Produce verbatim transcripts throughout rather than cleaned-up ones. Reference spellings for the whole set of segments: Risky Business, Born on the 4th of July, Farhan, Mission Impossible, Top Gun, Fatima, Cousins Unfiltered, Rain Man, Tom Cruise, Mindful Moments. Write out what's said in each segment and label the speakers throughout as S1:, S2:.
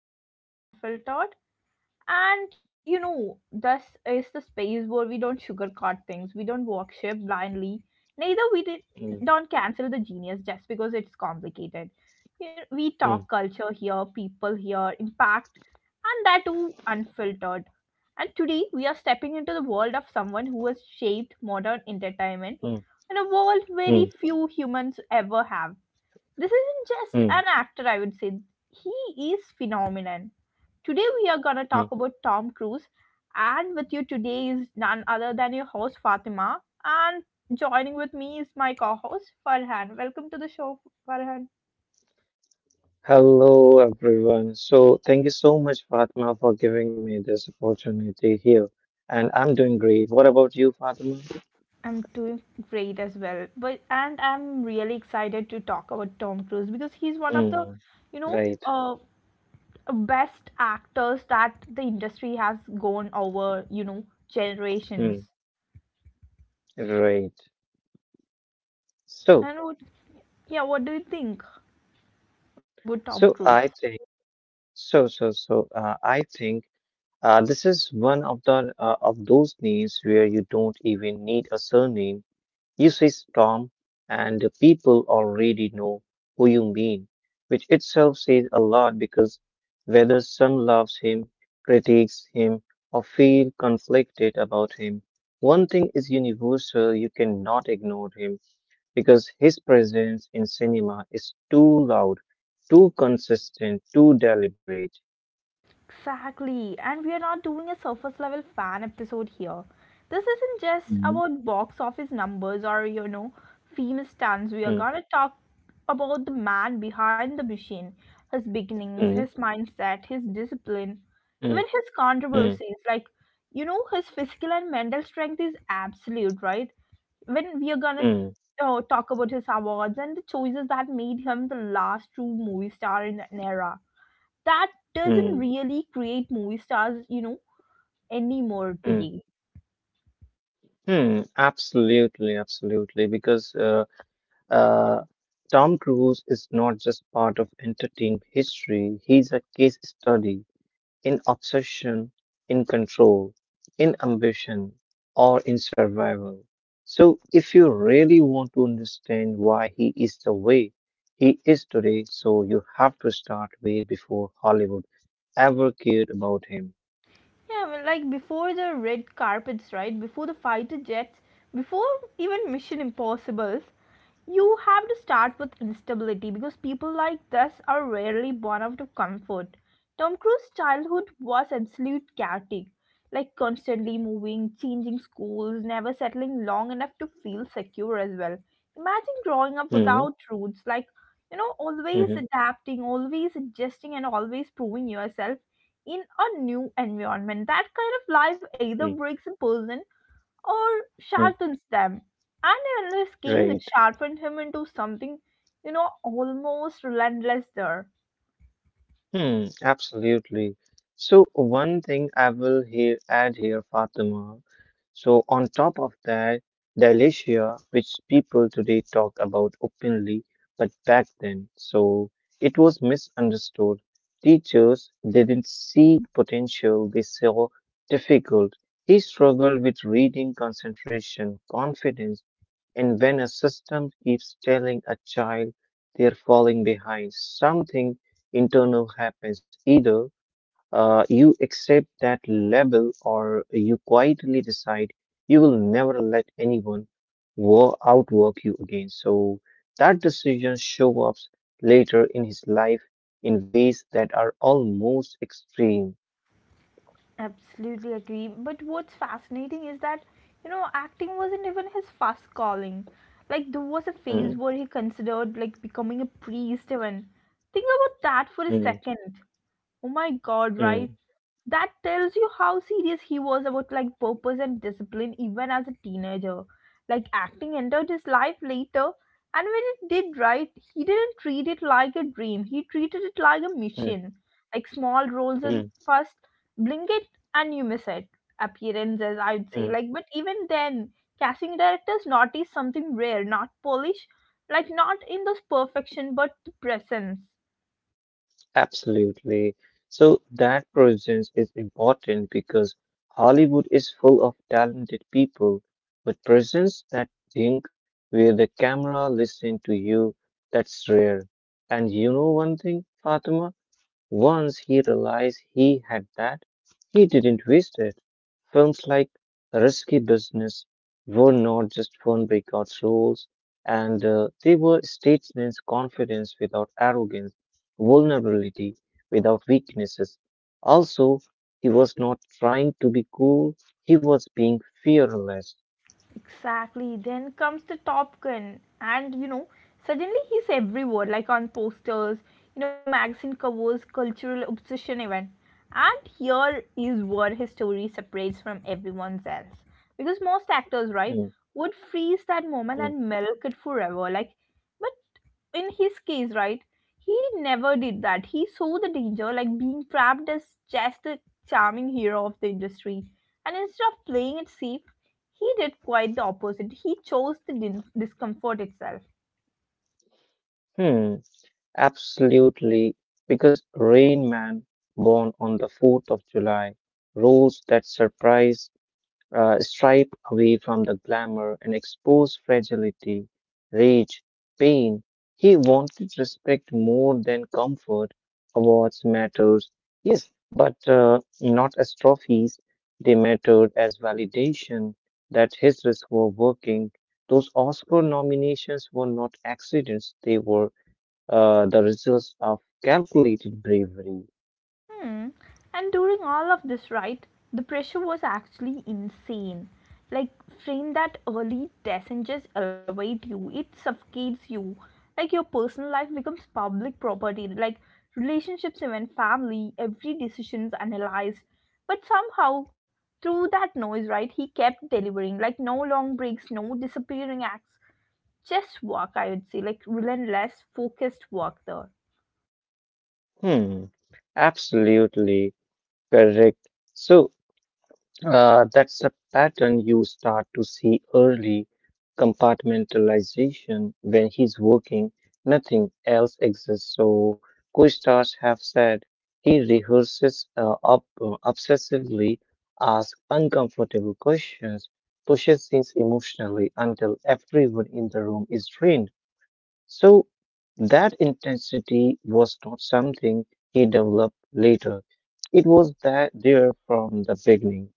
S1: episode of Cousins Unfiltered. And you know, this is the space where we don't sugarcoat things, we don't worship blindly, neither we did,
S2: Mm,
S1: don't cancel the genius just because it's complicated. You know, we talk
S2: mm,
S1: culture here, people here, impact, and that too unfiltered. And today we are stepping into the world of someone who has shaped modern entertainment
S2: mm,
S1: in a world
S2: mm,
S1: very few humans ever have. This isn't just
S2: mm,
S1: an actor, I would say. He is phenomenon. Today we are gonna
S2: mm.
S1: talk about Tom Cruise, and with you today is none other than your host Fatima, and joining with me is my co-host Farhan. Welcome to the show, Farhan.
S2: Hello, everyone. So, thank you so much, Fatima, for giving me this opportunity here. And I'm doing great. What about you, Fatima?
S1: I'm doing great as well, but and I'm really excited to talk about Tom Cruise because he's one of the,
S2: Mm,
S1: you know,
S2: right.
S1: uh, best actors that the industry has gone over, you know,
S2: Mm,
S1: generations.
S2: right. So,
S1: And what, yeah, what do you think about Tom
S2: so
S1: Cruise?
S2: I think, so, so, so, uh, I think uh, this is one of the uh, of those names where you don't even need a surname. You say Tom, and the people already know who you mean, which itself says a lot because whether some loves him, critiques him, or feel conflicted about him, one thing is universal you cannot ignore him because his presence in cinema is too loud, too consistent, too deliberate.
S1: Exactly, and we are not doing a surface level fan episode here. This isn't just
S2: Mhm.
S1: about box office numbers or, you know, famous stunts. We are
S2: Mm,
S1: gonna talk about the man behind the machine, his beginnings, his
S2: mm,
S1: mindset, his discipline,
S2: mm,
S1: even his
S2: mm,
S1: controversies. Like, you know, his physical and mental strength is absolute, right? When we are gonna
S2: mm,
S1: uh, talk about his awards and the choices that made him the last true movie star in an era that doesn't
S2: mm,
S1: really create movie stars, you know, anymore
S2: mm,
S1: today.
S2: mm. Absolutely, absolutely. Because uh, Uh, Tom Cruise is not just part of entertainment history, he's a case study in obsession, in control, in ambition, or in survival. So, if you really want to understand why he is the way he is today, so you have to start way before Hollywood ever cared about him.
S1: Yeah, well, like before the red carpets, right? Before the fighter jets, before even Mission Impossibles, you have to start with instability because people like this are rarely born out of comfort. Tom Cruise's childhood was absolute chaotic, like constantly moving, changing schools, never settling long enough to feel secure as well. Imagine growing up
S2: Hmm,
S1: without roots, like you know, always
S2: hmm,
S1: adapting, always adjusting, and always proving yourself in a new environment. That kind of life either
S2: hmm, hmm,
S1: breaks a person or
S2: hmm.
S1: sharpens them. And in this case, it
S2: Right.
S1: sharpened him into something, you know, almost relentless there.
S2: Hmm, absolutely. So one thing I will here add here, Fatima. So on top of that, dyslexia, which people today talk about openly, but back then, so it was misunderstood. Teachers didn't see potential, they saw difficult. He struggled with reading, concentration, confidence. And when a system keeps telling a child they're falling behind, something internal happens. Either uh, you accept that level or you quietly decide you will never let anyone wo- outwork you again. So that decision shows up later in his life in ways that are almost extreme.
S1: Absolutely agree. But what's fascinating is that, you know, acting wasn't even his first calling. Like, there was a phase
S2: Mm,
S1: where he considered, like, becoming a priest, even. Think about that for a
S2: mm,
S1: second. Oh my god,
S2: mm, mm,
S1: right? That tells you how serious he was about, like, purpose and discipline, even as a teenager. Like, acting entered his life later, and when it did, right, he didn't treat it like a dream, he treated it like a
S2: mm,
S1: mission. Like, small roles is
S2: mm.
S1: first, blink it and you miss it appearances, I'd say,
S2: Mm.
S1: like, but even then casting directors notice something rare, not polish, like not in those perfection, but the presence.
S2: Absolutely. So that presence is important because Hollywood is full of talented people, but presence that think where the camera listen to you, that's rare. And you know one thing, Fatima? Once he realized he had that, he didn't waste it. Films like Risky Business were not just fun by roles, and uh, they were statements confidence without arrogance, vulnerability without weaknesses. Also, he was not trying to be cool, he was being fearless.
S1: Exactly. Then comes the Top Gun, and you know, suddenly he's everywhere, like on posters, you know, magazine covers, cultural obsession even. And here is where his story separates from everyone's else. Because most actors, right,
S2: Hmm,
S1: would freeze that moment
S2: hmm,
S1: and milk it forever. Like, but in his case, right, he never did that. He saw the danger, like being trapped as just the charming hero of the industry. And instead of playing it safe, he did quite the opposite. He chose the din- discomfort itself.
S2: hmm. Absolutely, because Rain Man, Born on the fourth of July, roles that surprise, uh, stripe away from the glamour and expose fragility, rage, pain. He wanted respect more than comfort. Awards matters, yes, but uh, not as trophies. They mattered as validation that his risks were working. Those Oscar nominations were not accidents; they were uh, the results of calculated bravery.
S1: Hmm. And during all of this, right, the pressure was actually insane. Like, frame that early passengers elevate you, it suffocates you. Like, your personal life becomes public property. Like, relationships, even family, every decision's analyzed. But somehow, through that noise, right, he kept delivering. Like, no long breaks, no disappearing acts. Just work, I would say. Like, relentless, focused work there.
S2: Hmm, absolutely correct. So uh, that's a pattern you start to see early compartmentalization when he's working, nothing else exists. So co-stars have said he rehearses uh, ob- uh, obsessively, asks uncomfortable questions, pushes scenes emotionally until everyone in the room is drained. So that intensity was not something he developed later. It was that there from the beginning.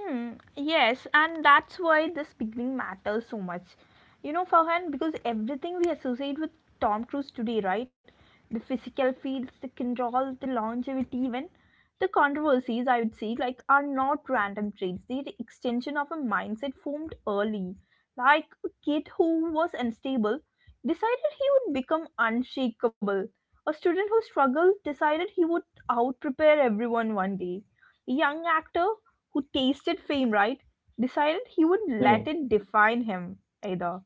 S1: Hmm, yes, and that's why this beginning matters so much. You know, Farhan, because everything we associate with Tom Cruise today, right? The physical feats, the control, the longevity, even the controversies, I would say, like, are not random traits. They're the extension of a mindset formed early. Like a kid who was unstable decided he would become unshakable. A student who struggled decided he would outprepare everyone one day. A young actor who tasted fame, right, decided he wouldn't
S2: Hmm,
S1: let it define him either.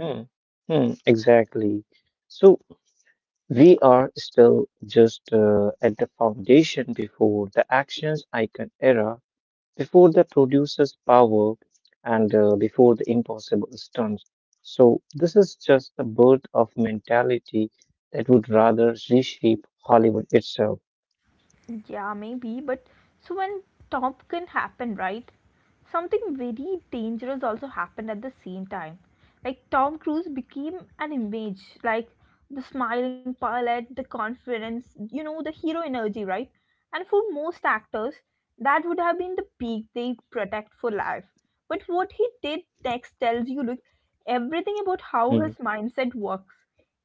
S2: hmm, hmm, exactly. So we are still just uh, at the foundation before the actions icon era, before the producer's power, and uh, before the impossible stunts. So this is just the birth of mentality that would rather reshape Hollywood itself.
S1: Yeah, maybe, but so when Top Gun happened, right? Something very dangerous also happened at the same time. Like Tom Cruise became an image, like the smiling pilot, the confidence, you know, the hero energy, right? And for most actors, that would have been the peak they protect for life. But what he did next tells you, look, everything about how
S2: Hmm.
S1: his mindset works.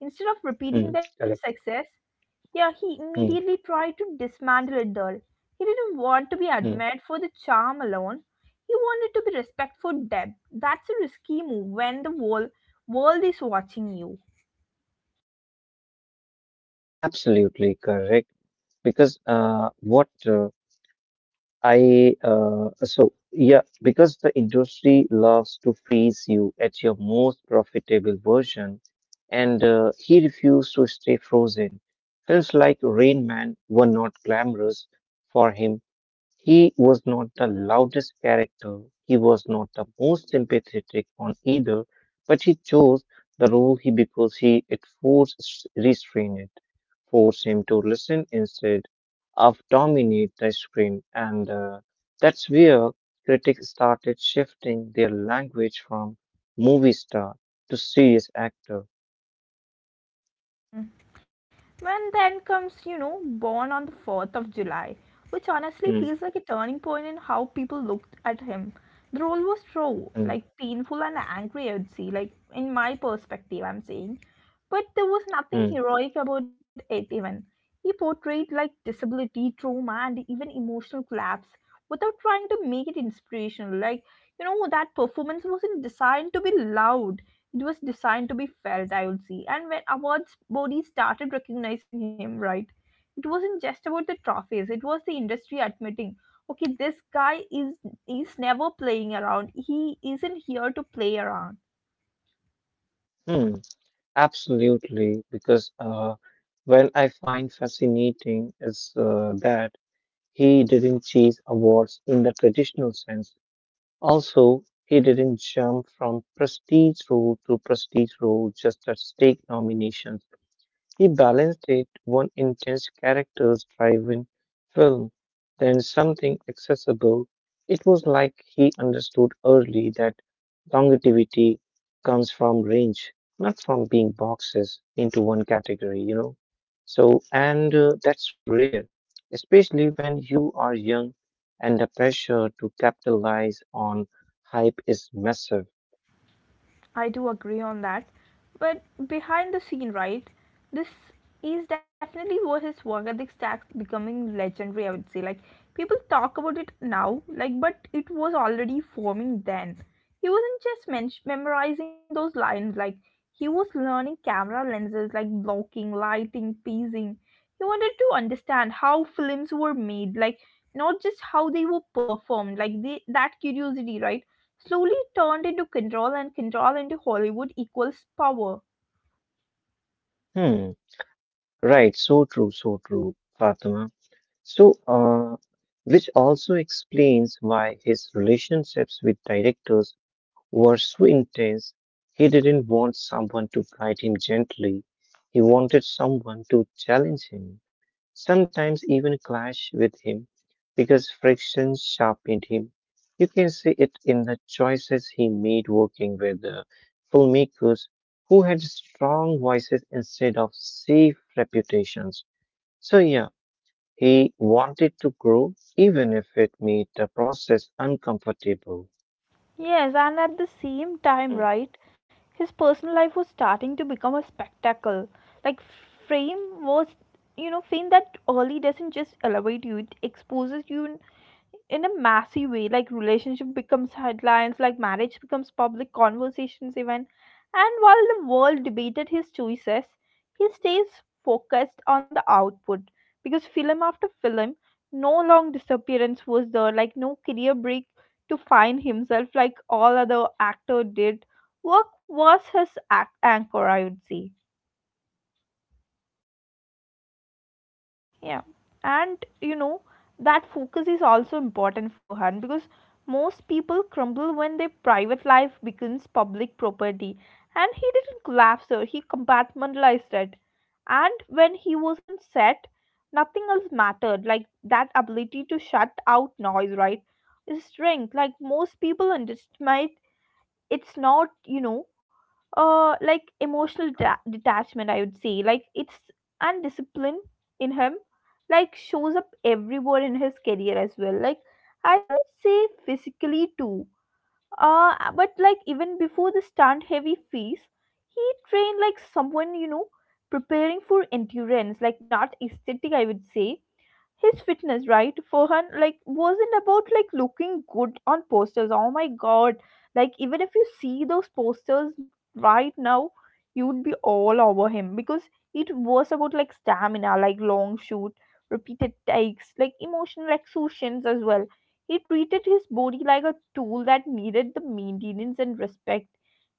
S1: Instead of
S2: Mm,
S1: repeating that
S2: correct.
S1: success, yeah, he immediately
S2: Mm,
S1: tried to dismantle it all. He didn't want to be
S2: mm.
S1: admired for the charm alone. He wanted to be respected for depth. That's a risky move when the whole world is watching you.
S2: Absolutely correct. Because uh, what uh, I uh, so yeah, because the industry loves to freeze you at your most profitable version, and uh, he refused to stay frozen. Films like Rain Man were not glamorous for him. He was not the loudest character, he was not the most sympathetic on either, but he chose the role he because he it forced restraint, forced him to listen instead of dominate the screen, and uh, that's where critics started shifting their language from movie star to serious actor.
S1: And then comes, you know, Born on the fourth of July, which
S2: Hmm,
S1: honestly feels like a turning point in how people looked at him. The role was raw,
S2: hmm,
S1: like painful and angry, I would say, like in my perspective, I'm saying. But there was nothing
S2: hmm,
S1: heroic about it, even. He portrayed like disability, trauma, and even emotional collapse without trying to make it inspirational. Like, you know, that performance wasn't designed to be loud, it was designed to be felt, I would say. And when awards bodies started recognizing him, right, it wasn't just about the trophies. It was the industry admitting, okay, this guy is is never playing around. He isn't here to play around.
S2: hmm. Absolutely, because uh, when I find fascinating is uh, that he didn't chase awards in the traditional sense. Also, he didn't jump from prestige role to prestige role just at stake nominations. He balanced it one intense character's driven film, then something accessible. It was like he understood early that longevity comes from range, not from being boxes into one category, you know. So, and uh, that's rare, especially when you are young and the pressure to capitalize on hype is massive.
S1: I do agree on that. But behind the scene, right? This is definitely where his work ethic stacks becoming legendary, I would say. Like people talk about it now, like but it was already forming then. He wasn't just men- memorizing those lines, like he was learning camera lenses, like blocking, lighting, pacing. He wanted to understand how films were made, like not just how they were performed, like they, that curiosity, right? Slowly turned into control, and control into Hollywood equals power.
S2: Hmm, right, so true, so true, Fatima. So, uh, which also explains why his relationships with directors were so intense. He didn't want someone to guide him gently. He wanted someone to challenge him, sometimes even clash with him, because friction sharpened him. You can see it in the choices he made working with uh, filmmakers who had strong voices instead of safe reputations. So, yeah, he wanted to grow even if it made the process uncomfortable.
S1: Yes, and at the same time,
S2: Hmm.
S1: right, his personal life was starting to become a spectacle. Like, fame was, you know, fame that early doesn't just elevate you, it exposes you in, in a massive way. Like, relationship becomes headlines, like, marriage becomes public conversations, even. And while the world debated his choices, he stays focused on the output because film after film, no long disappearance was there, like, no career break to find himself like all other actor did. Work was his ac- anchor, I would say. Yeah, and you know that focus is also important for her because most people crumble when their private life becomes public property, and he didn't collapse her. He compartmentalized it, and when he wasn't set, nothing else mattered. Like that ability to shut out noise, right? Is strength. Like most people underestimate it's not you know uh like emotional da- detachment, I would say, like it's and discipline in him, like shows up everywhere in his career as well, like, I would say, physically too. Uh but like even before the stunt heavy phase, he trained like someone you know preparing for endurance, like not aesthetic, I would say. His fitness, right, for her, like wasn't about like looking good on posters, oh my god. Like even if you see those posters right now, you would be all over him because it was about like stamina, like long shoot, repeated takes, like emotional exertions as well. He treated his body like a tool that needed the maintenance and respect.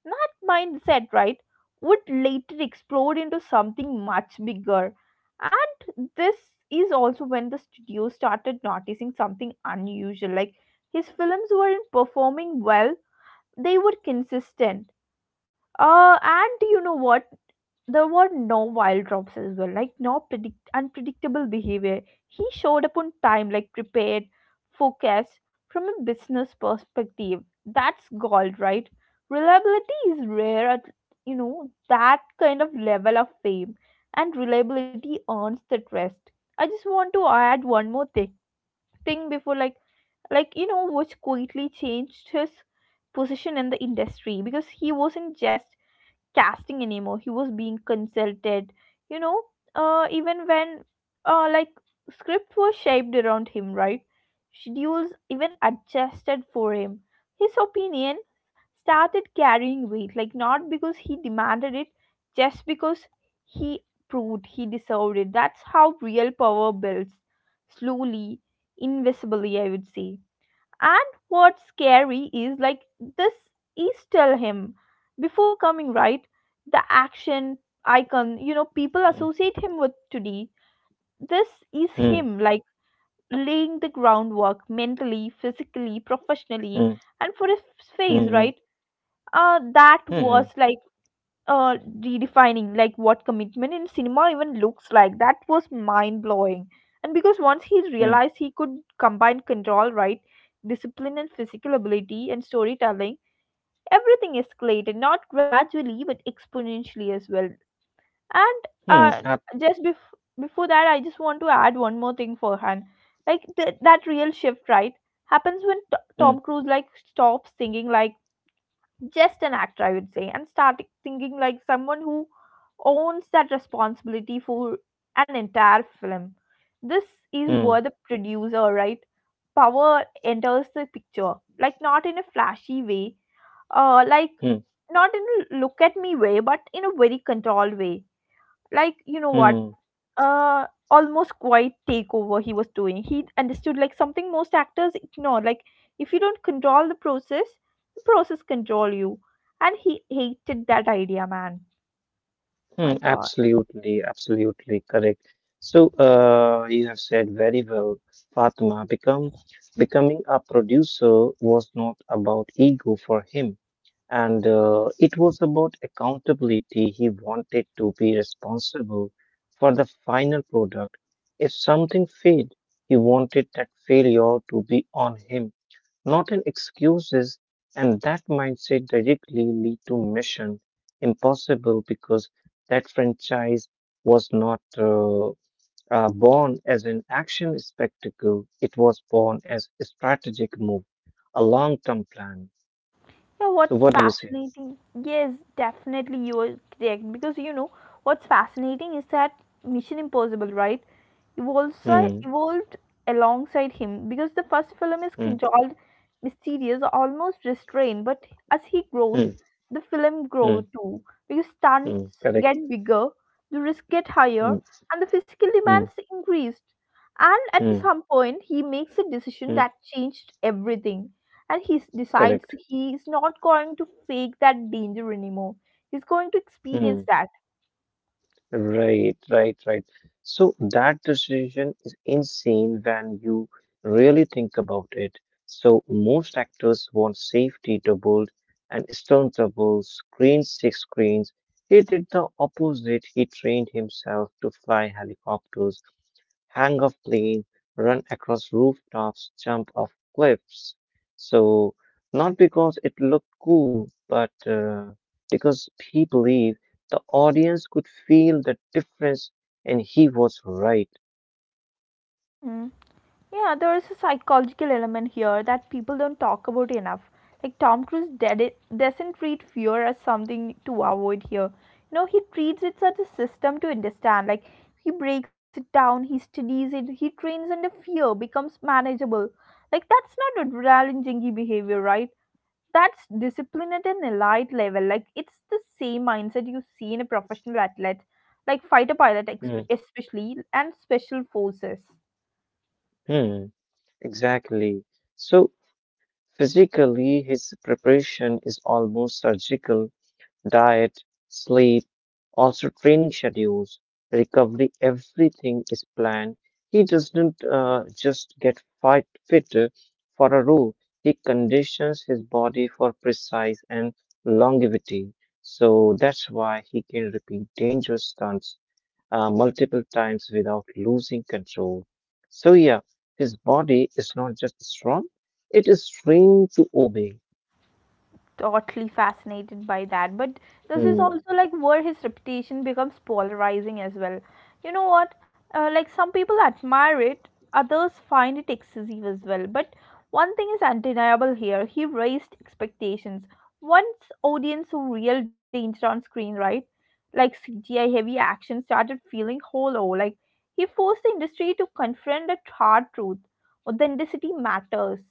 S1: That mindset, right, would later explode into something much bigger. And this is also when the studio started noticing something unusual. Like his films weren't performing well, they were consistent. Uh, and you know what? There were no wild drops as well, like no predict- unpredictable behavior. He showed up on time, like prepared, focused from a business perspective. That's gold, right? Reliability is rare at you know that kind of level of fame, and reliability earns the trust. I just want to add one more thing, thing before like like you know which quickly changed his position in the industry because he wasn't just casting anymore, he was being consulted, you know uh, even when uh, like scripts were shaped around him, right, schedules even adjusted for him, his opinion started carrying weight, like not because he demanded it, just because he proved he deserved it. That's how real power builds, slowly, invisibly, I would say. And what's scary is like this is tell him before coming, right, the action icon you know people associate him with today, this is him like laying the groundwork mentally, physically, professionally. And for his face, right, uh that was like, uh, redefining like what commitment in cinema even looks like. That was mind blowing. And because once he realized he could combine control, right, discipline and physical ability and storytelling, everything escalated not gradually but exponentially as well. And uh, just bef- before that, I just want to add one more thing for Han. Like th- that real shift, right, happens when t- Tom Cruise like stops thinking like just an actor, I would say, and started thinking like someone who owns that responsibility for an entire film. This is where the producer, right, power enters the picture, like not in a flashy way, uh like not in a look at me way, but in a very controlled way, like you know what, uh almost quiet takeover he was doing. He understood like something most actors ignore, like if you don't control the process, the process control you. And he hated that idea, man. My god. Yeah, what's fascinating? Yes, definitely you are correct because you know what's fascinating is that Mission Impossible, right? Evolves uh, evolved alongside him because the first film is controlled, mysterious, almost restrained, but as he grows, the film grows too because stunts get bigger, the risks get higher, and the physical demands increased. And at some point, he makes a decision that changed everything. And he s- decides he is not going to fake that danger anymore. He's going to experience that. Mm. Yeah, there is a psychological element here that people don't talk about enough. Like Tom Cruise ded- doesn't treat fear as something to avoid here. You know, he treats it as a system to understand. Like he breaks it down, he studies it, he trains under fear, becomes manageable. Like that's not a challenging behavior, right? That's discipline at an elite level. Like it's the same mindset you see in a professional athlete, like fighter pilot, exp- especially and special forces. Totally fascinated by that. But this is also like where his reputation becomes polarizing as well. You know what? Uh, like some people admire it, others find it excessive as well. But one thing is undeniable here, he raised expectations. Once audience saw real danger on screen, right? Like C G I heavy action started feeling hollow. Like he forced the industry to confront a hard truth. Authenticity matters.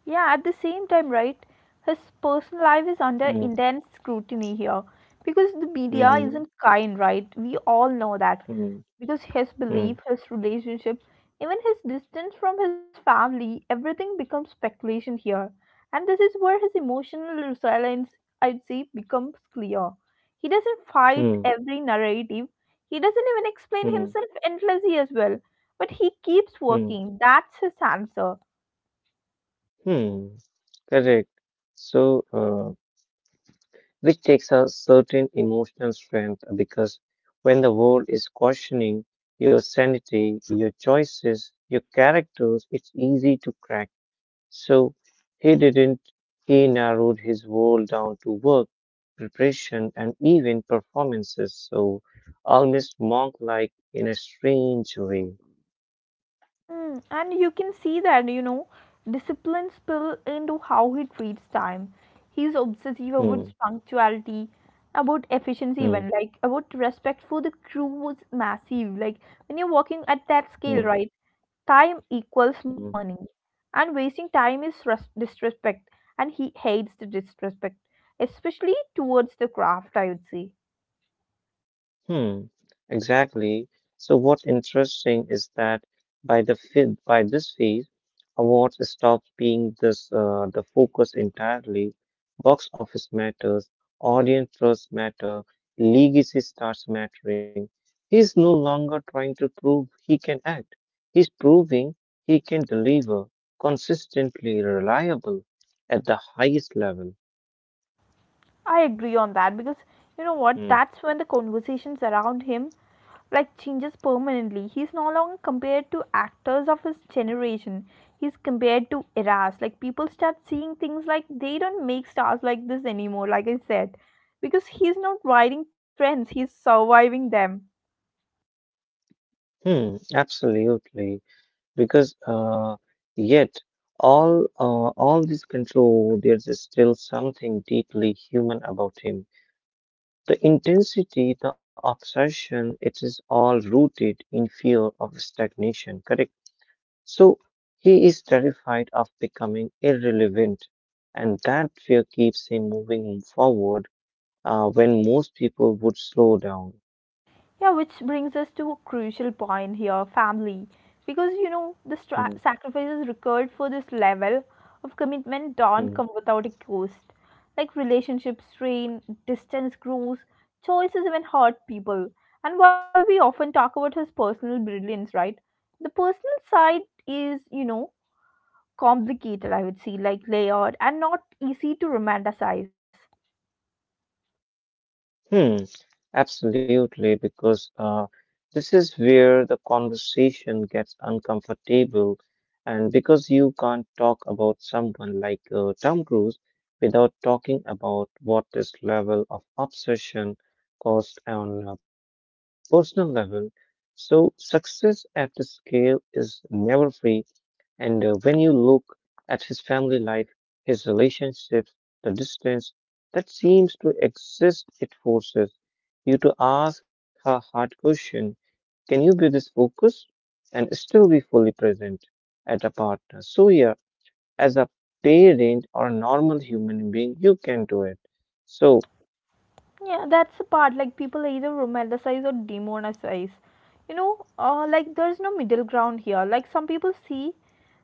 S1: Yeah, at the same time, right, his personal life is under intense scrutiny here because the media isn't kind, right? We all know that. Because his belief, his relationship, even his distance from his family, everything becomes speculation here. And this is where his emotional resilience, I'd say, becomes clear. He doesn't fight every narrative, he doesn't even explain himself endlessly as well. But he keeps working. That's his answer. Mm, and you can see that, you know, discipline spill into how he treats time. He's obsessive about punctuality, about efficiency, even like about respect for the crew was massive. Like when you're working at that scale, right? Time equals money, and wasting time is res- disrespect, and he hates the disrespect, especially towards the craft, I would say. I agree on that because you know what? That's when the conversations around him like changes permanently. He's no longer compared to actors of his generation. He's compared to eras. Like people start seeing things like they don't make stars like this anymore, like I said. Because he's not riding trends, he's surviving them. Yeah, which brings us to a crucial point here, family. Because you know, the stra- sacrifices required for this level of commitment don't come without a cost. Like relationships strain, distance grows, choices even hurt people. And while we often talk about his personal brilliance, right? The personal side is, you know, complicated, I would say, like layered and not easy to romanticize. Yeah, that's the part. Like people either romanticize or demonize. You know, uh, like there's no middle ground here. Like some people see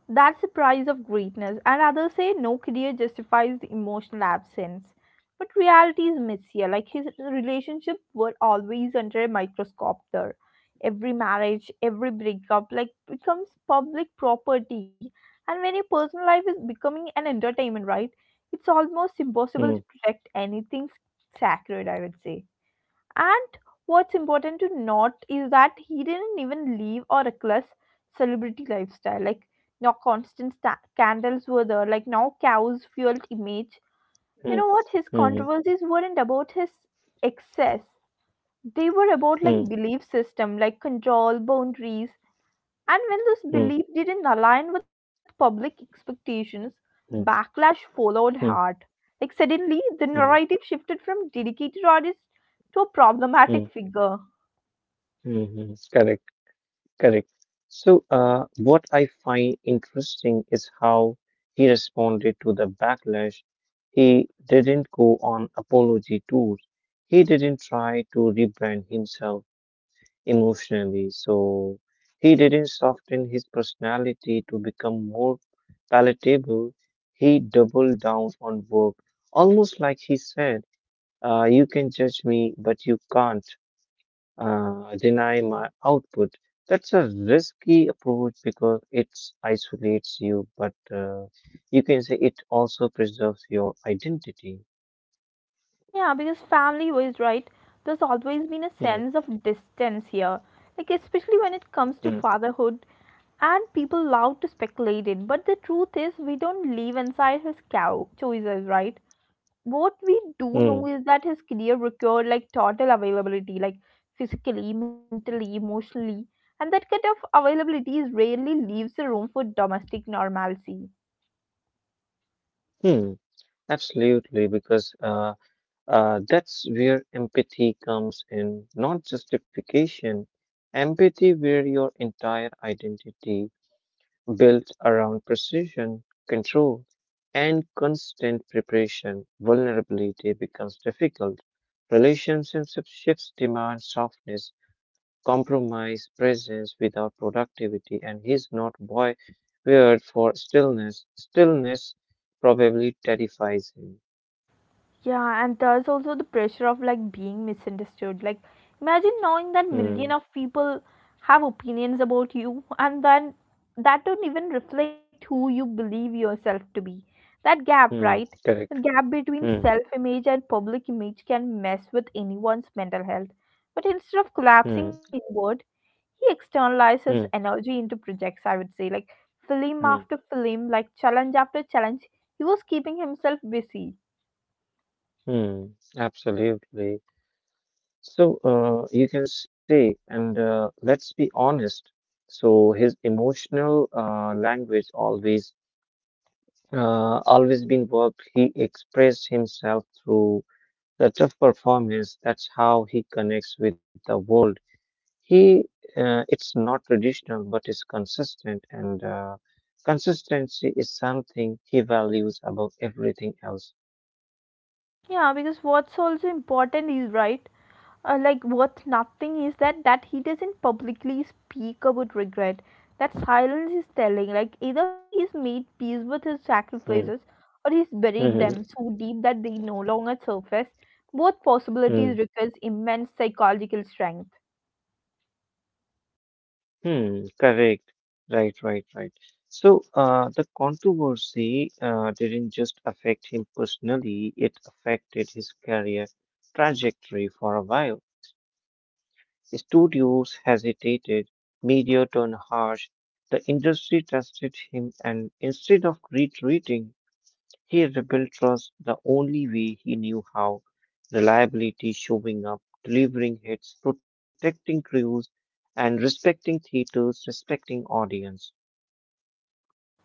S1: that's the price of greatness, and others say no career justifies the emotional absence. But reality is messier. Like his relationship were always under a microscope there. Every marriage, every breakup, like becomes public property. And when your personal life is becoming an entertainment, right? It's almost impossible to protect anything sacred, I would say. And what's important to note is that he didn't even live a reckless celebrity lifestyle. Like, no constant sta- scandals were there, like, no cows fueled image. You know what? His controversies weren't about his excess, they were about like belief system, like control, boundaries. And when those beliefs didn't align with public expectations, backlash followed hard. Like, suddenly, the narrative shifted from dedicated artist to a problematic figure. Yeah, because family was right. There's always been a sense of distance here, like especially when it comes to fatherhood, and people love to speculate it. But the truth is, we don't live inside his cow choices, right? What we do know is that his career required like total availability, like physically, mentally, emotionally, and that kind of availability is rarely leaves the room for domestic normalcy. Yeah, and there's also the pressure of like being misunderstood. Like, imagine knowing that million of people have opinions about you, and then that don't even reflect who you believe yourself to be. That gap, right? That gap between self-image and public image can mess with anyone's mental health. But instead of collapsing inward, he externalizes energy into projects, I would say, like film after film, like challenge after challenge. He was keeping himself busy. Yeah, because what's also important is, right, uh, like worth nothing is that that he doesn't publicly speak about regret. That silence is telling. Like either he's made peace with his sacrifices, or he's buried them so deep that they no longer surface. Both possibilities requires immense psychological strength.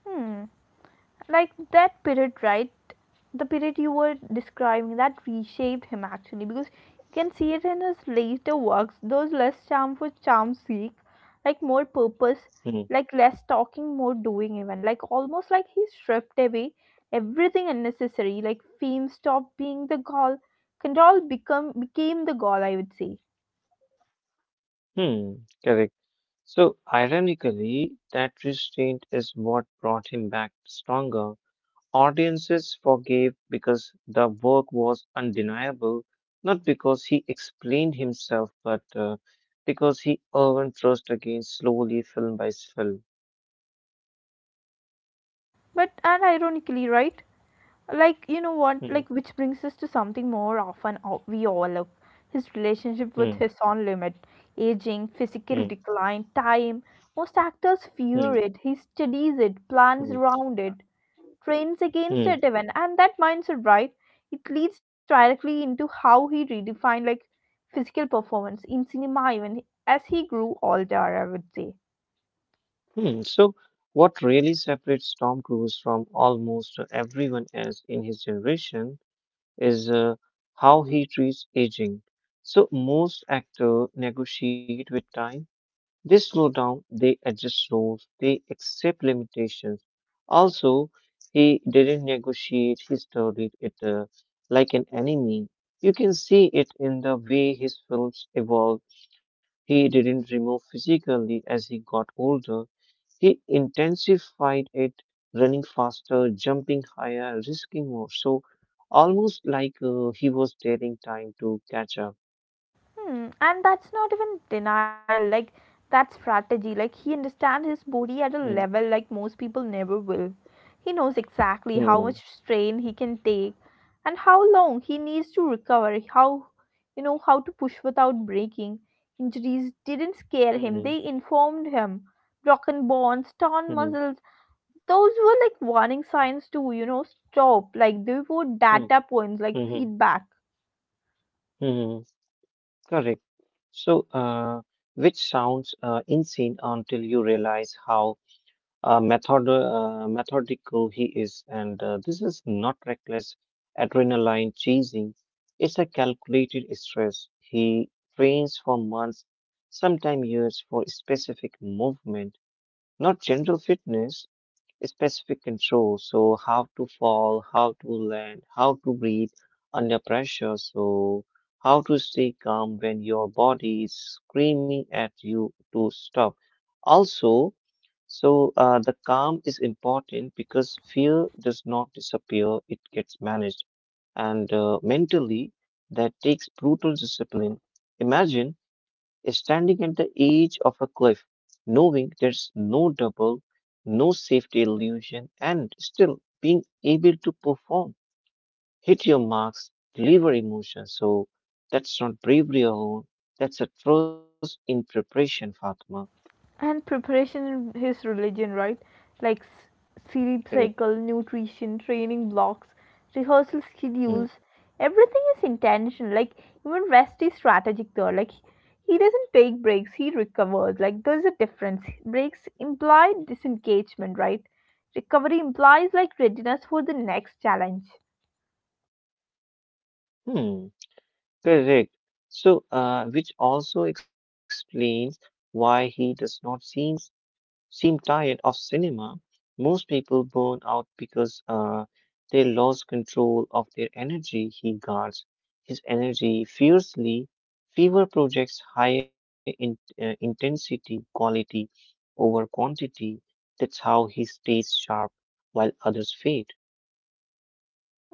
S1: Hmm. Like that period, right, the period you were describing that reshaped him actually, because you can see it in his later works, those less charm for charm's sake, like more purpose, like less talking more doing, even like almost like he stripped away everything unnecessary, like fame stopped being the goal, control become became the goal, I would say. But and ironically, right? Like you know what? Like which brings us to something more often o- we overlook: his relationship with his own limit, aging, physical decline, time. Most actors fear it. He studies it, plans around it, trains against it even, and that mindset, right? It leads directly into how he redefined like physical performance in cinema even as he grew older, I would say. Hmm, and that's not even denial, like that's strategy. Like he understands his body at a level like most people never will. He knows exactly how much strain he can take and how long he needs to recover, how, you know, how to push without breaking. Injuries didn't scare him, they informed him. Broken bones, torn muscles, those were like warning signs to, you know, stop. Like they were data points, like feedback. And preparation in his religion, right, like s- sleep cycle, nutrition, training blocks, rehearsal schedules, everything is intentional, like even rest is strategic there. Like he doesn't take breaks, he recovers. Like there's a difference, breaks imply disengagement, right, recovery implies like readiness for the next challenge.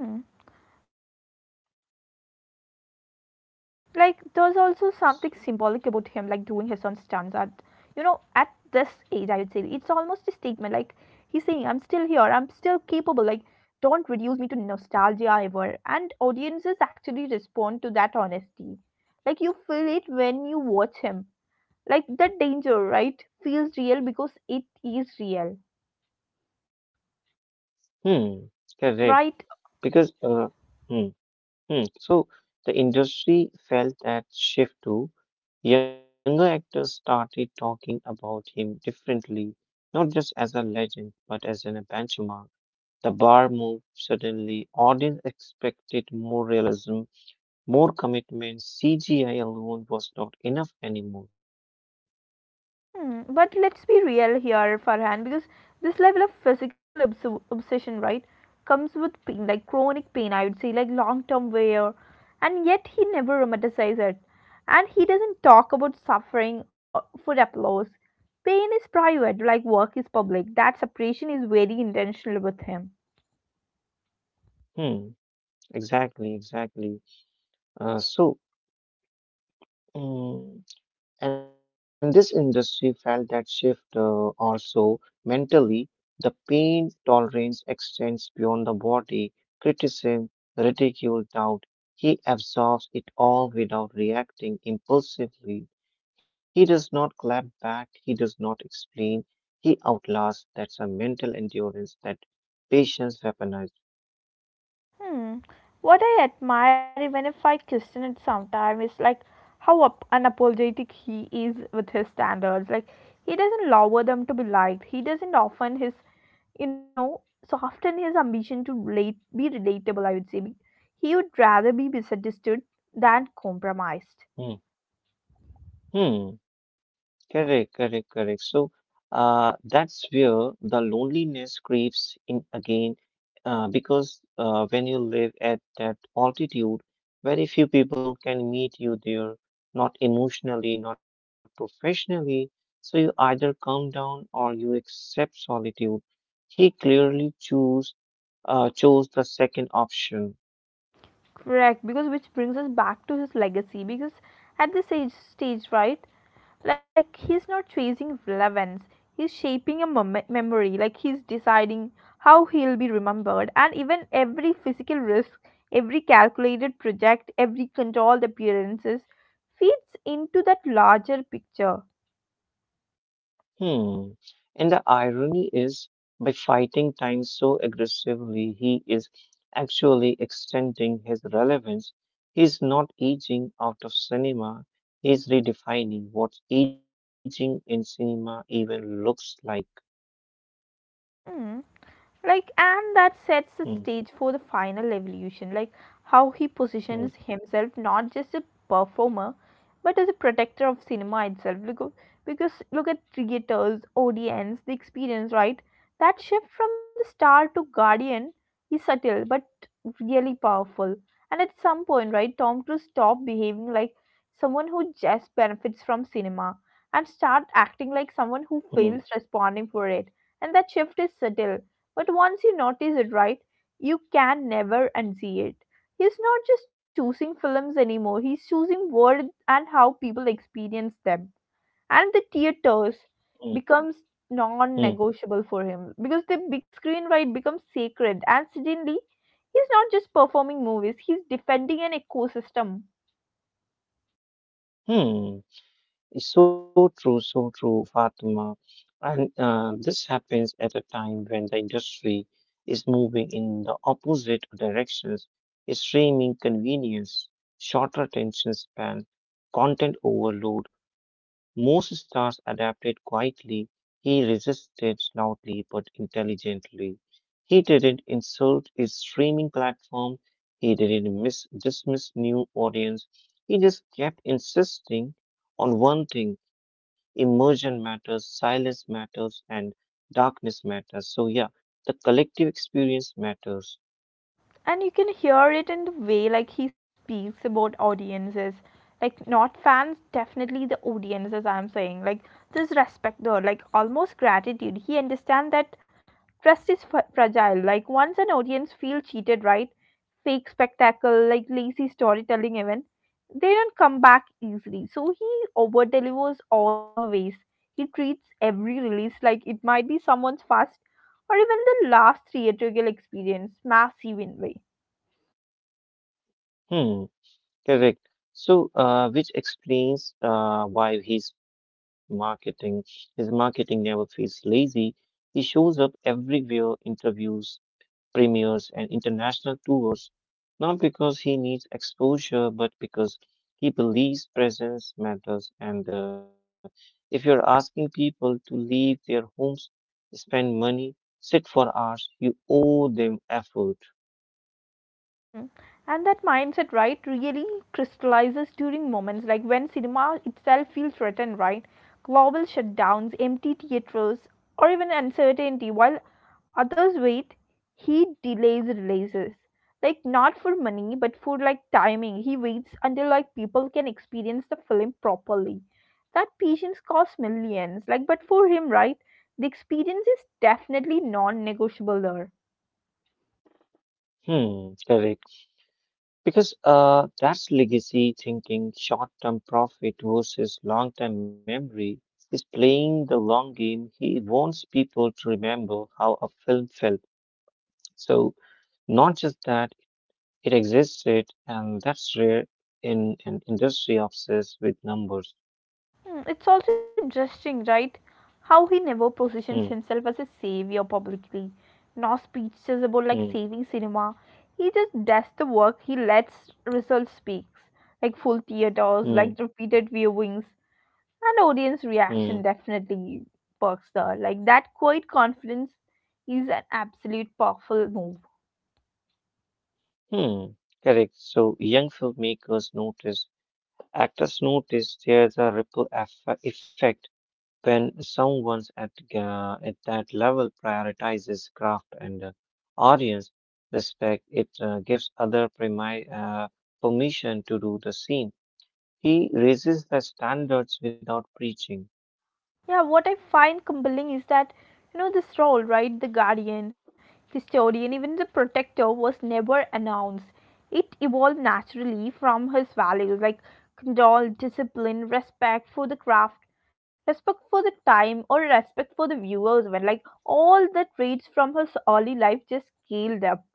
S1: Hmm. Like there's also something symbolic about him like doing his own stunts at, you know, at this age, I would say. It's almost a statement, like he's saying I'm still here, I'm still capable, like don't reduce me to nostalgia ever. And audiences actually respond to that honesty, like you feel it when you watch him, like that danger, right, feels real because it is real, right? Hmm, but let's be real here, Farhan, because this level of physical obs- obsession, right, comes with pain, like chronic pain, I would say, like long term wear, and yet he never romanticizes it. And he doesn't talk about suffering or for applause. Pain is private, like work is public. That separation is very intentional with him. Hmm. What I admire, even if I question it sometimes, is like how up- unapologetic he is with his standards. Like he doesn't lower them to be liked. He doesn't often his, you know, soften his ambition to relate, be relatable, I would say. Be- he would rather be misunderstood than compromised. Correct, because which brings us back to his legacy. Because at this age stage, right, like he's not chasing relevance, he's shaping a mem- memory. Like he's deciding how he'll be remembered, and even every physical risk, every calculated project, every controlled appearances feeds into that larger picture. Mm. Like and that sets the stage for the final evolution, like how he positions himself not just a performer but as a protector of cinema itself, because, because look at theaters, audience, the experience, right? That shift from the star to guardian is subtle but really powerful. And at some point, right, Tom Cruise stopped behaving like someone who just benefits from cinema and start acting like someone who feels responding for it. And that shift is subtle, but once you notice it, right, you can never unsee it. He's not just choosing films anymore, he's choosing words and how people experience them. And the theaters becomes non-negotiable for him because the big screen, right, becomes sacred and suddenly he's not just performing movies, he's defending an ecosystem. And you can hear it in the way like he speaks about audiences, like not fans, definitely the audience as I'm saying, like this respect, though, like almost gratitude. He understands that trust is f- fragile. Like once an audience feel cheated, right, fake spectacle, like lazy storytelling even, they don't come back easily. So he over delivers always. He treats every release like it might be someone's first or even the last theatrical experience, massive in way. Mm. And that mindset, right, really crystallizes during moments like when cinema itself feels threatened, right? Global shutdowns, empty theaters, or even uncertainty, while others wait, he delays releases. Like, not for money, but for like timing. He waits until like people can experience the film properly. That patience costs millions, like, but for him, right, the experience is definitely non negotiable there. Hmm, it's also interesting, right? How he never positions himself as a savior publicly. No speeches about like saving cinema. He just does the work. He lets results speak, like full theaters, like repeated viewings, and audience reaction definitely perks there. Like that quiet confidence is an absolute powerful move. Yeah, what I find compelling is that, you know, this role, right, the guardian, historian, even the protector, was never announced. It evolved naturally from his values, like control, discipline, respect for the craft, respect for the time, or respect for the viewers. When, like, all the traits from his early life just scaled up.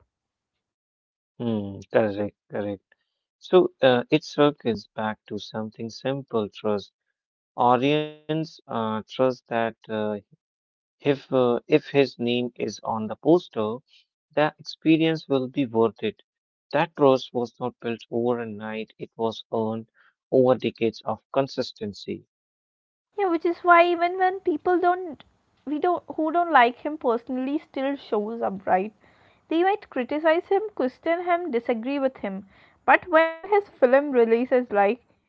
S1: Yeah, which is why even when people don't, we don't, who don't like him personally still shows up, right? They might criticize him, question him, disagree with him. But when his film releases, like,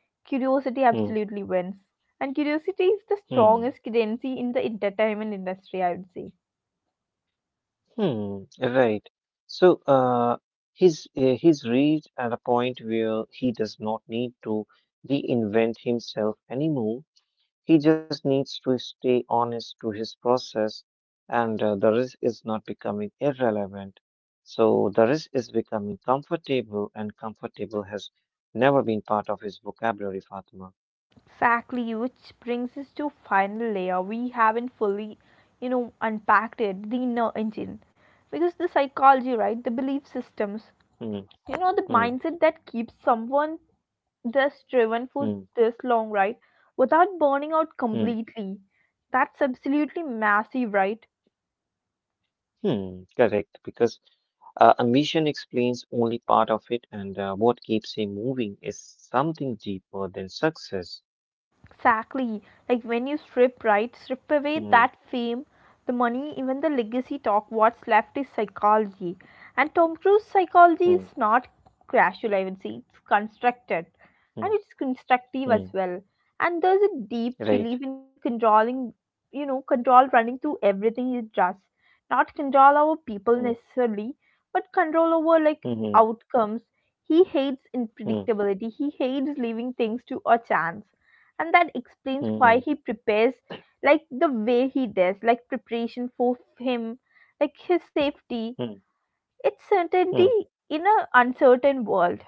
S1: curiosity absolutely wins. And curiosity is the strongest currency in the entertainment industry, I would say. Exactly, which brings us to final layer. We haven't fully, you know, unpacked it, the inner engine. Because the psychology, right, the belief systems, you know, the mindset that keeps someone this driven for this long, right, without burning out completely, that's absolutely massive, right? Exactly. Like when you strip right, strip away that fame, the money, even the legacy talk, what's left is psychology. And Tom Cruise's psychology is not casual, I would say. It's constructed. And it's constructive as well. And there's a deep belief in controlling, you know, control running through everything it does. Not control over people necessarily, but control over like outcomes. He hates unpredictability. He hates leaving things to a chance. And that explains why he prepares like the way he does. Like preparation for him, like his safety, it's certainty in an uncertain world.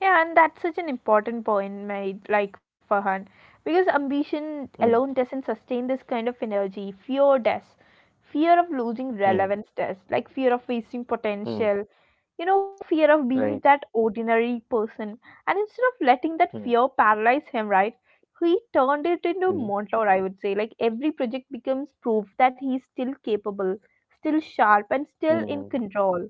S1: Yeah, and that's such an important point made, like Farhan, because ambition alone doesn't sustain this kind of energy. Fear does. Fear of losing relevance does, like fear of wasting potential, you know, fear of being that ordinary person. And instead of letting that fear paralyze him, right, he turned it into motor, I would say. Like every project becomes proof that he's still capable, still sharp, and still in control.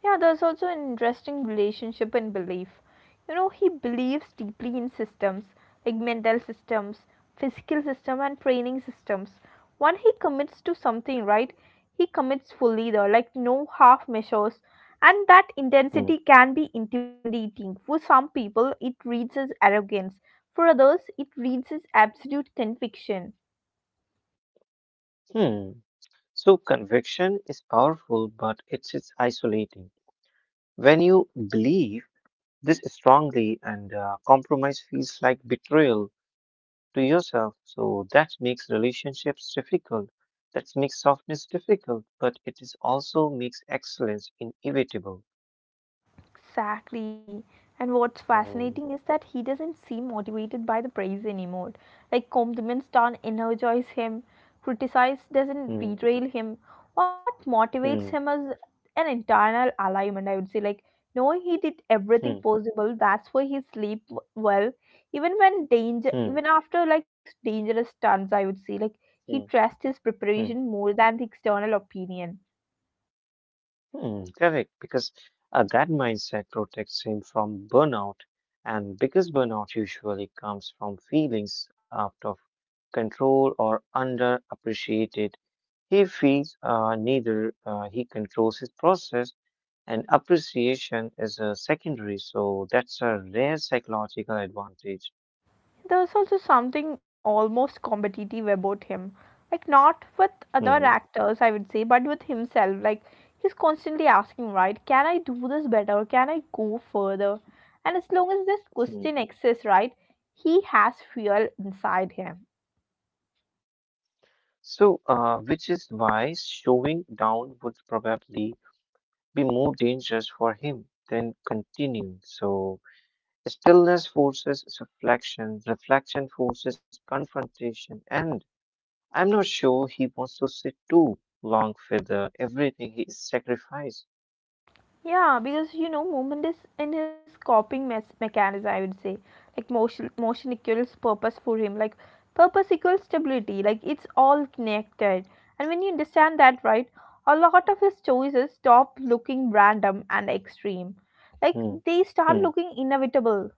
S1: Yeah, there's also an interesting relationship in belief. You know, he believes deeply in systems, like mental systems, physical system, and training systems. When he commits to something, right, he commits fully there, like no half measures. And that intensity can be intimidating. For some people, it reads as arrogance. For others, it reads as absolute conviction. Exactly. And what's fascinating is that he doesn't seem motivated by the praise anymore. Like compliments don't energize him, criticize doesn't derail him. What motivates him is an internal alignment, I would say. Like knowing he did everything possible, that's why he sleep w- well. Even when danger, even after like dangerous stunts, I would say. Like he trusts his preparation more than the external opinion. There's also something almost competitive about him. Like, not with other actors, I would say, but with himself. Like, he's constantly asking, right, can I do this better? Can I go further? And as long as this question exists, right, he has fuel inside him. Yeah, because you know, movement is in his coping mes- mechanism, I would say. Like motion, motion equals purpose for him. Like purpose equals stability. Like it's all connected. And when you understand that, right, a lot of his choices stop looking random and extreme. Like they start looking inevitable.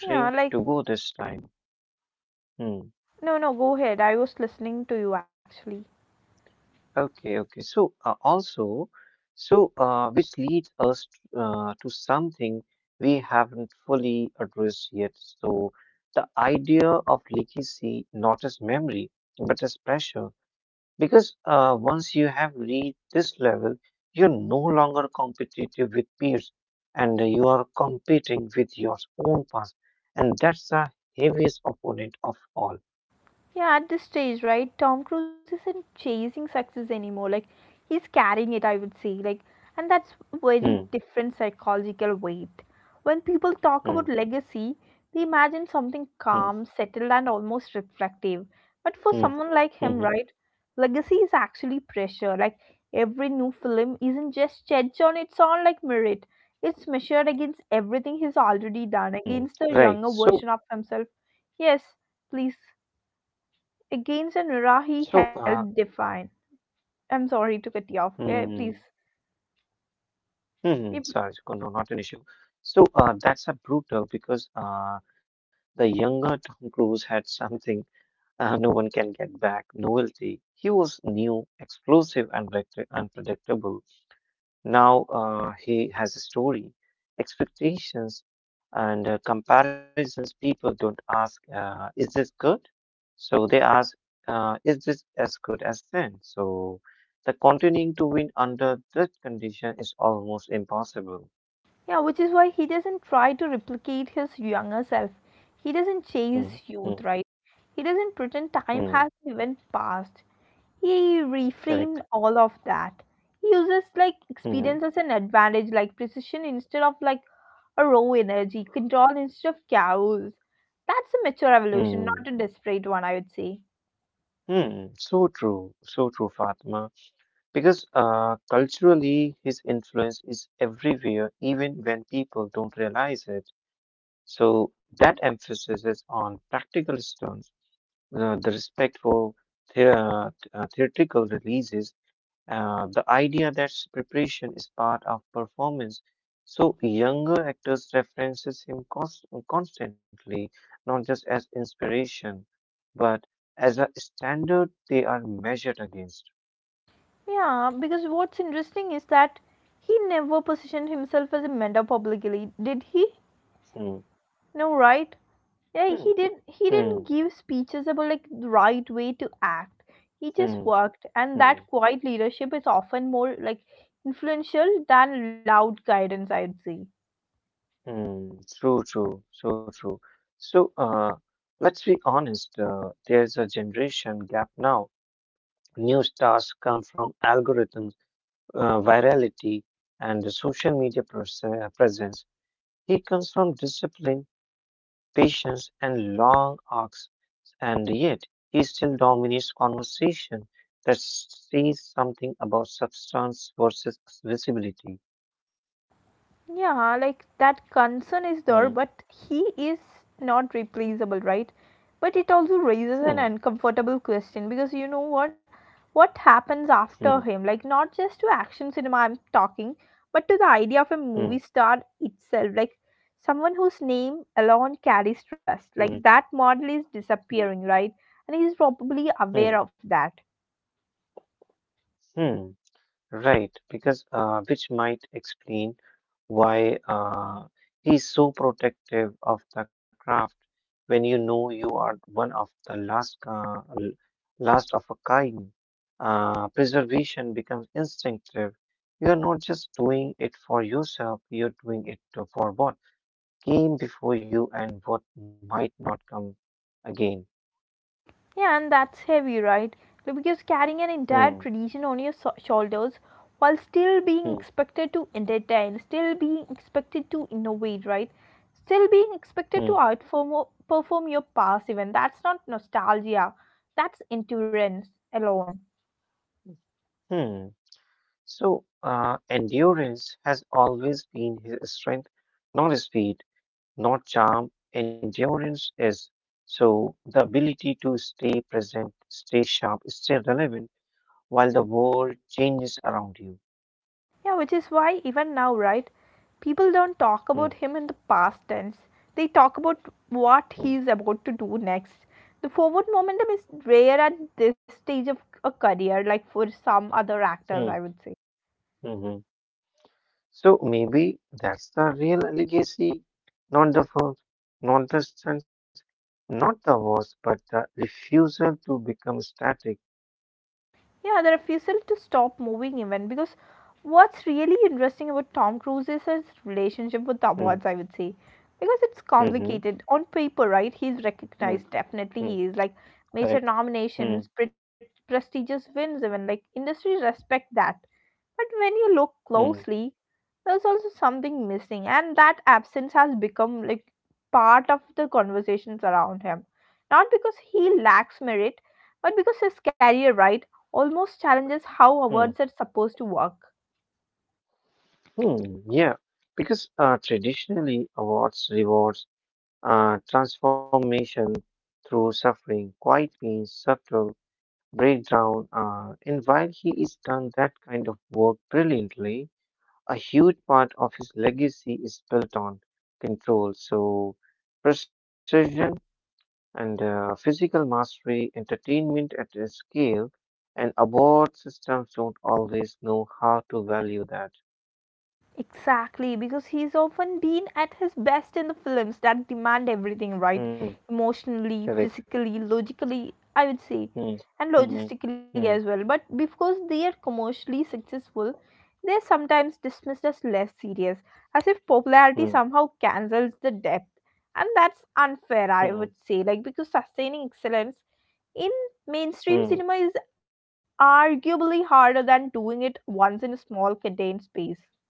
S1: Yeah, like no, no, go ahead. I was listening to you actually. Yeah, at this stage, right? Tom Cruise isn't chasing success anymore. Like he's carrying it, I would say. Like, and that's very different psychological weight. When people talk about legacy, they imagine something calm, settled, and almost reflective. But for someone like him, right, legacy is actually pressure. Like every new film isn't just judged on its own like merit. It's measured against everything he's already done, against the younger version of himself. Yes, please. Against and he helped define. I'm sorry to cut you off. Eh, please. We- Yeah, which is why he doesn't try to replicate his younger self. He doesn't chase youth, right? He doesn't pretend time hasn't even passed. He reframed all of that. He uses like experience as an advantage, like precision instead of like a raw energy, control instead of chaos. That's a mature evolution, not a desperate one, I would say. Yeah, because what's interesting is that he never positioned himself as a mentor publicly, did he? No, right? Yeah, he did. He didn't give speeches about like the right way to act. He just worked, and that quiet leadership is often more like influential than loud guidance, I'd say. Yeah, like that concern is there, but he is not replaceable, right? But it also raises an uncomfortable question because you know what? What happens after him? Like, not just to action cinema, I'm talking, but to the idea of a movie star itself. Like, someone whose name alone carries trust. Like, that model is disappearing, right? And he's probably aware of that. Yeah, and that's heavy, right? Like, because carrying an entire tradition on your so- shoulders while still being expected to entertain, still being expected to innovate, right? Still being expected to outperform perform your past event. That's not nostalgia. That's endurance alone. Yeah, which is why even now, right, people don't talk about him in the past tense. They talk about what he is about to do next. The forward momentum is rare at this stage of a career, like for some other actors, I would say. Yeah, the refusal to stop moving even because what's really interesting about Tom Cruise is his relationship with the awards, I would say. Because it's complicated. On paper, right, he's recognized, definitely he is. Like major nominations, pre- prestigious wins even, like industry respect that. But when you look closely, there's also something missing, and that absence has become like part of the conversations around him. Not because he lacks merit, but because his career, right, almost challenges how awards are supposed to work. Exactly, because he's often been at his best in the films that demand everything, right, emotionally, physically, logically, I would say, and logistically as well. But because they are commercially successful, they're sometimes dismissed as less serious, as if popularity somehow cancels the depth. And that's unfair, I would say, like because sustaining excellence in mainstream cinema is arguably harder than doing it once in a small contained space.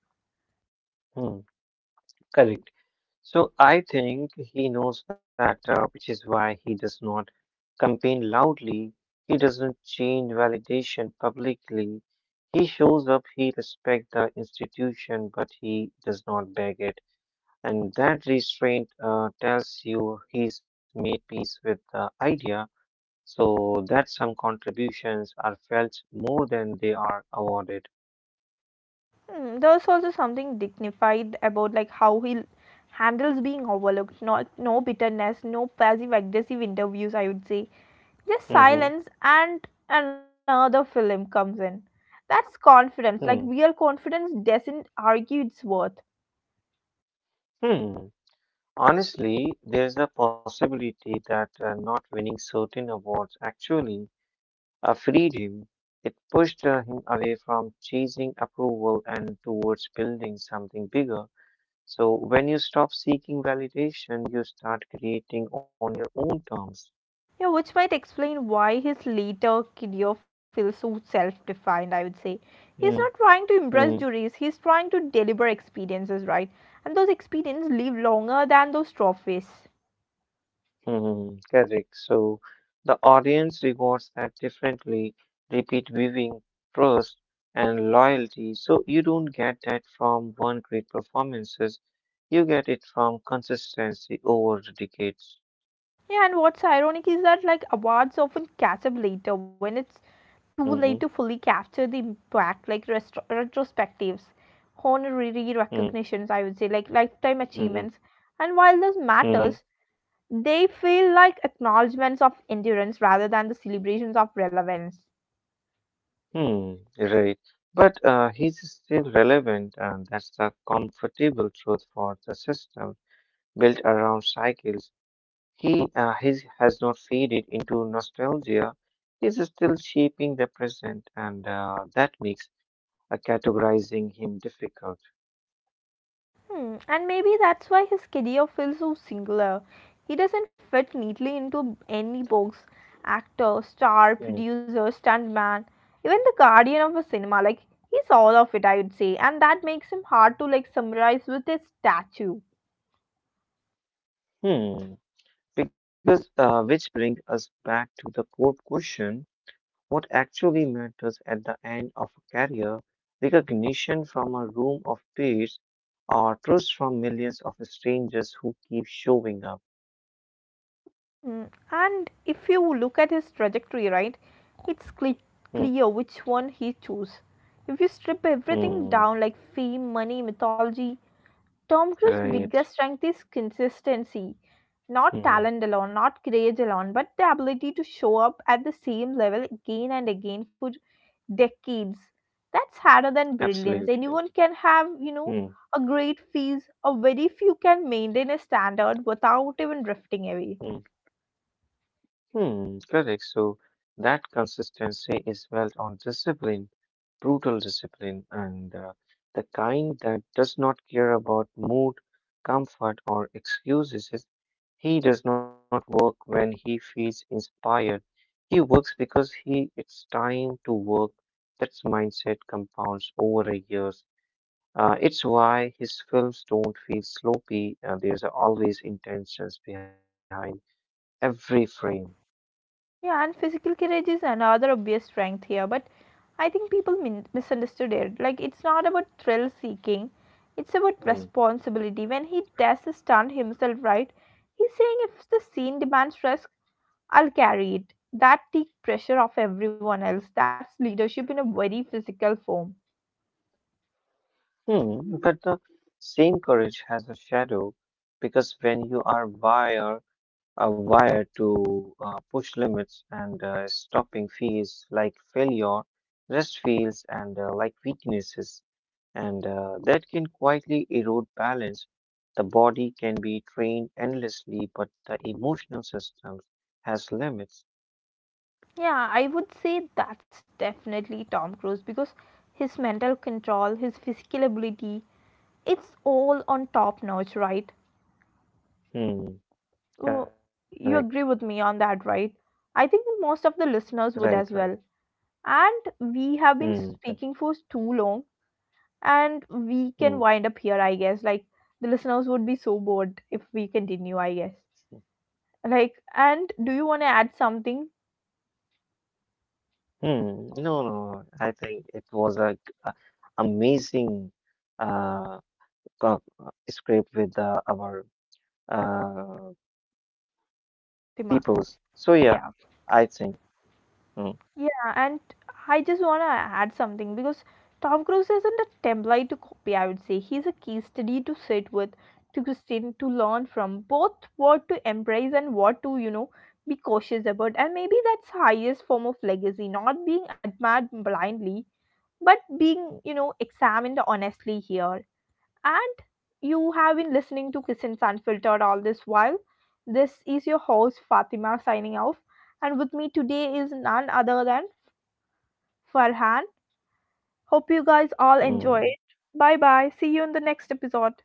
S1: Hmm, there's also something dignified about like how he handles being overlooked. Not no bitterness, no passive aggressive interviews. I would say just silence, and another film comes in. That's confidence. Like real confidence doesn't argue its worth. Yeah, which might explain why his later career feels so self-defined. I would say he's not trying to impress juries. He's trying to deliver experiences, right? And those experiences live longer than those trophies. Yeah, and what's ironic is that like awards often catch up later when it's too late to fully capture the impact, like restro- retrospectives, honorary recognitions, I would say, like lifetime achievements. And while this matters, they feel like acknowledgements of endurance rather than the celebrations of relevance. Hmm, and maybe that's why his career feels so singular. He doesn't fit neatly into any box. Actor, star, producer, stuntman, even the guardian of a cinema. Like he's all of it, I would say, and that makes him hard to like summarize with a statue. Hmm, and if you look at his trajectory, right, it's cle- clear which one he chose. If you strip everything down, like fame, money, mythology, Tom Cruise's biggest strength is consistency. Not talent alone, not courage alone, but the ability to show up at the same level again and again for decades. That's harder than brilliance. Anyone can have, you know, a great phase, or very few can maintain a standard without even drifting away. Yeah, and physical courage is another obvious strength here, but I think people min- misunderstood it. Like, it's not about thrill seeking, it's about responsibility. When he does to stunt himself, right, he's saying if the scene demands risk, I'll carry it. That takes pressure off everyone else. That's leadership in a very physical form. Yeah, I would say that's definitely Tom Cruise because his mental control, his physical ability, it's all on top notch, right? Oh, you agree with me on that, right? I think that most of the listeners would as well. And we have been speaking for too long, and we can wind up here, I guess. Like, the listeners would be so bored if we continue, I guess. Like, and do you want to add something, Tima? Yeah. Yeah, and I just want to add something because Tom Cruise isn't a template to copy, I would say. He's a case study to sit with, to Christine, to learn from, both what to embrace and what to, you know, be cautious about. And maybe that's highest form of legacy, not being admired blindly, but being, you know, examined honestly here. And you have been listening to Christian Unfiltered all this while. This is your host Fatima signing off. And with me today is none other than Farhan. Hope you guys all enjoy it. Bye bye. See you in the next episode.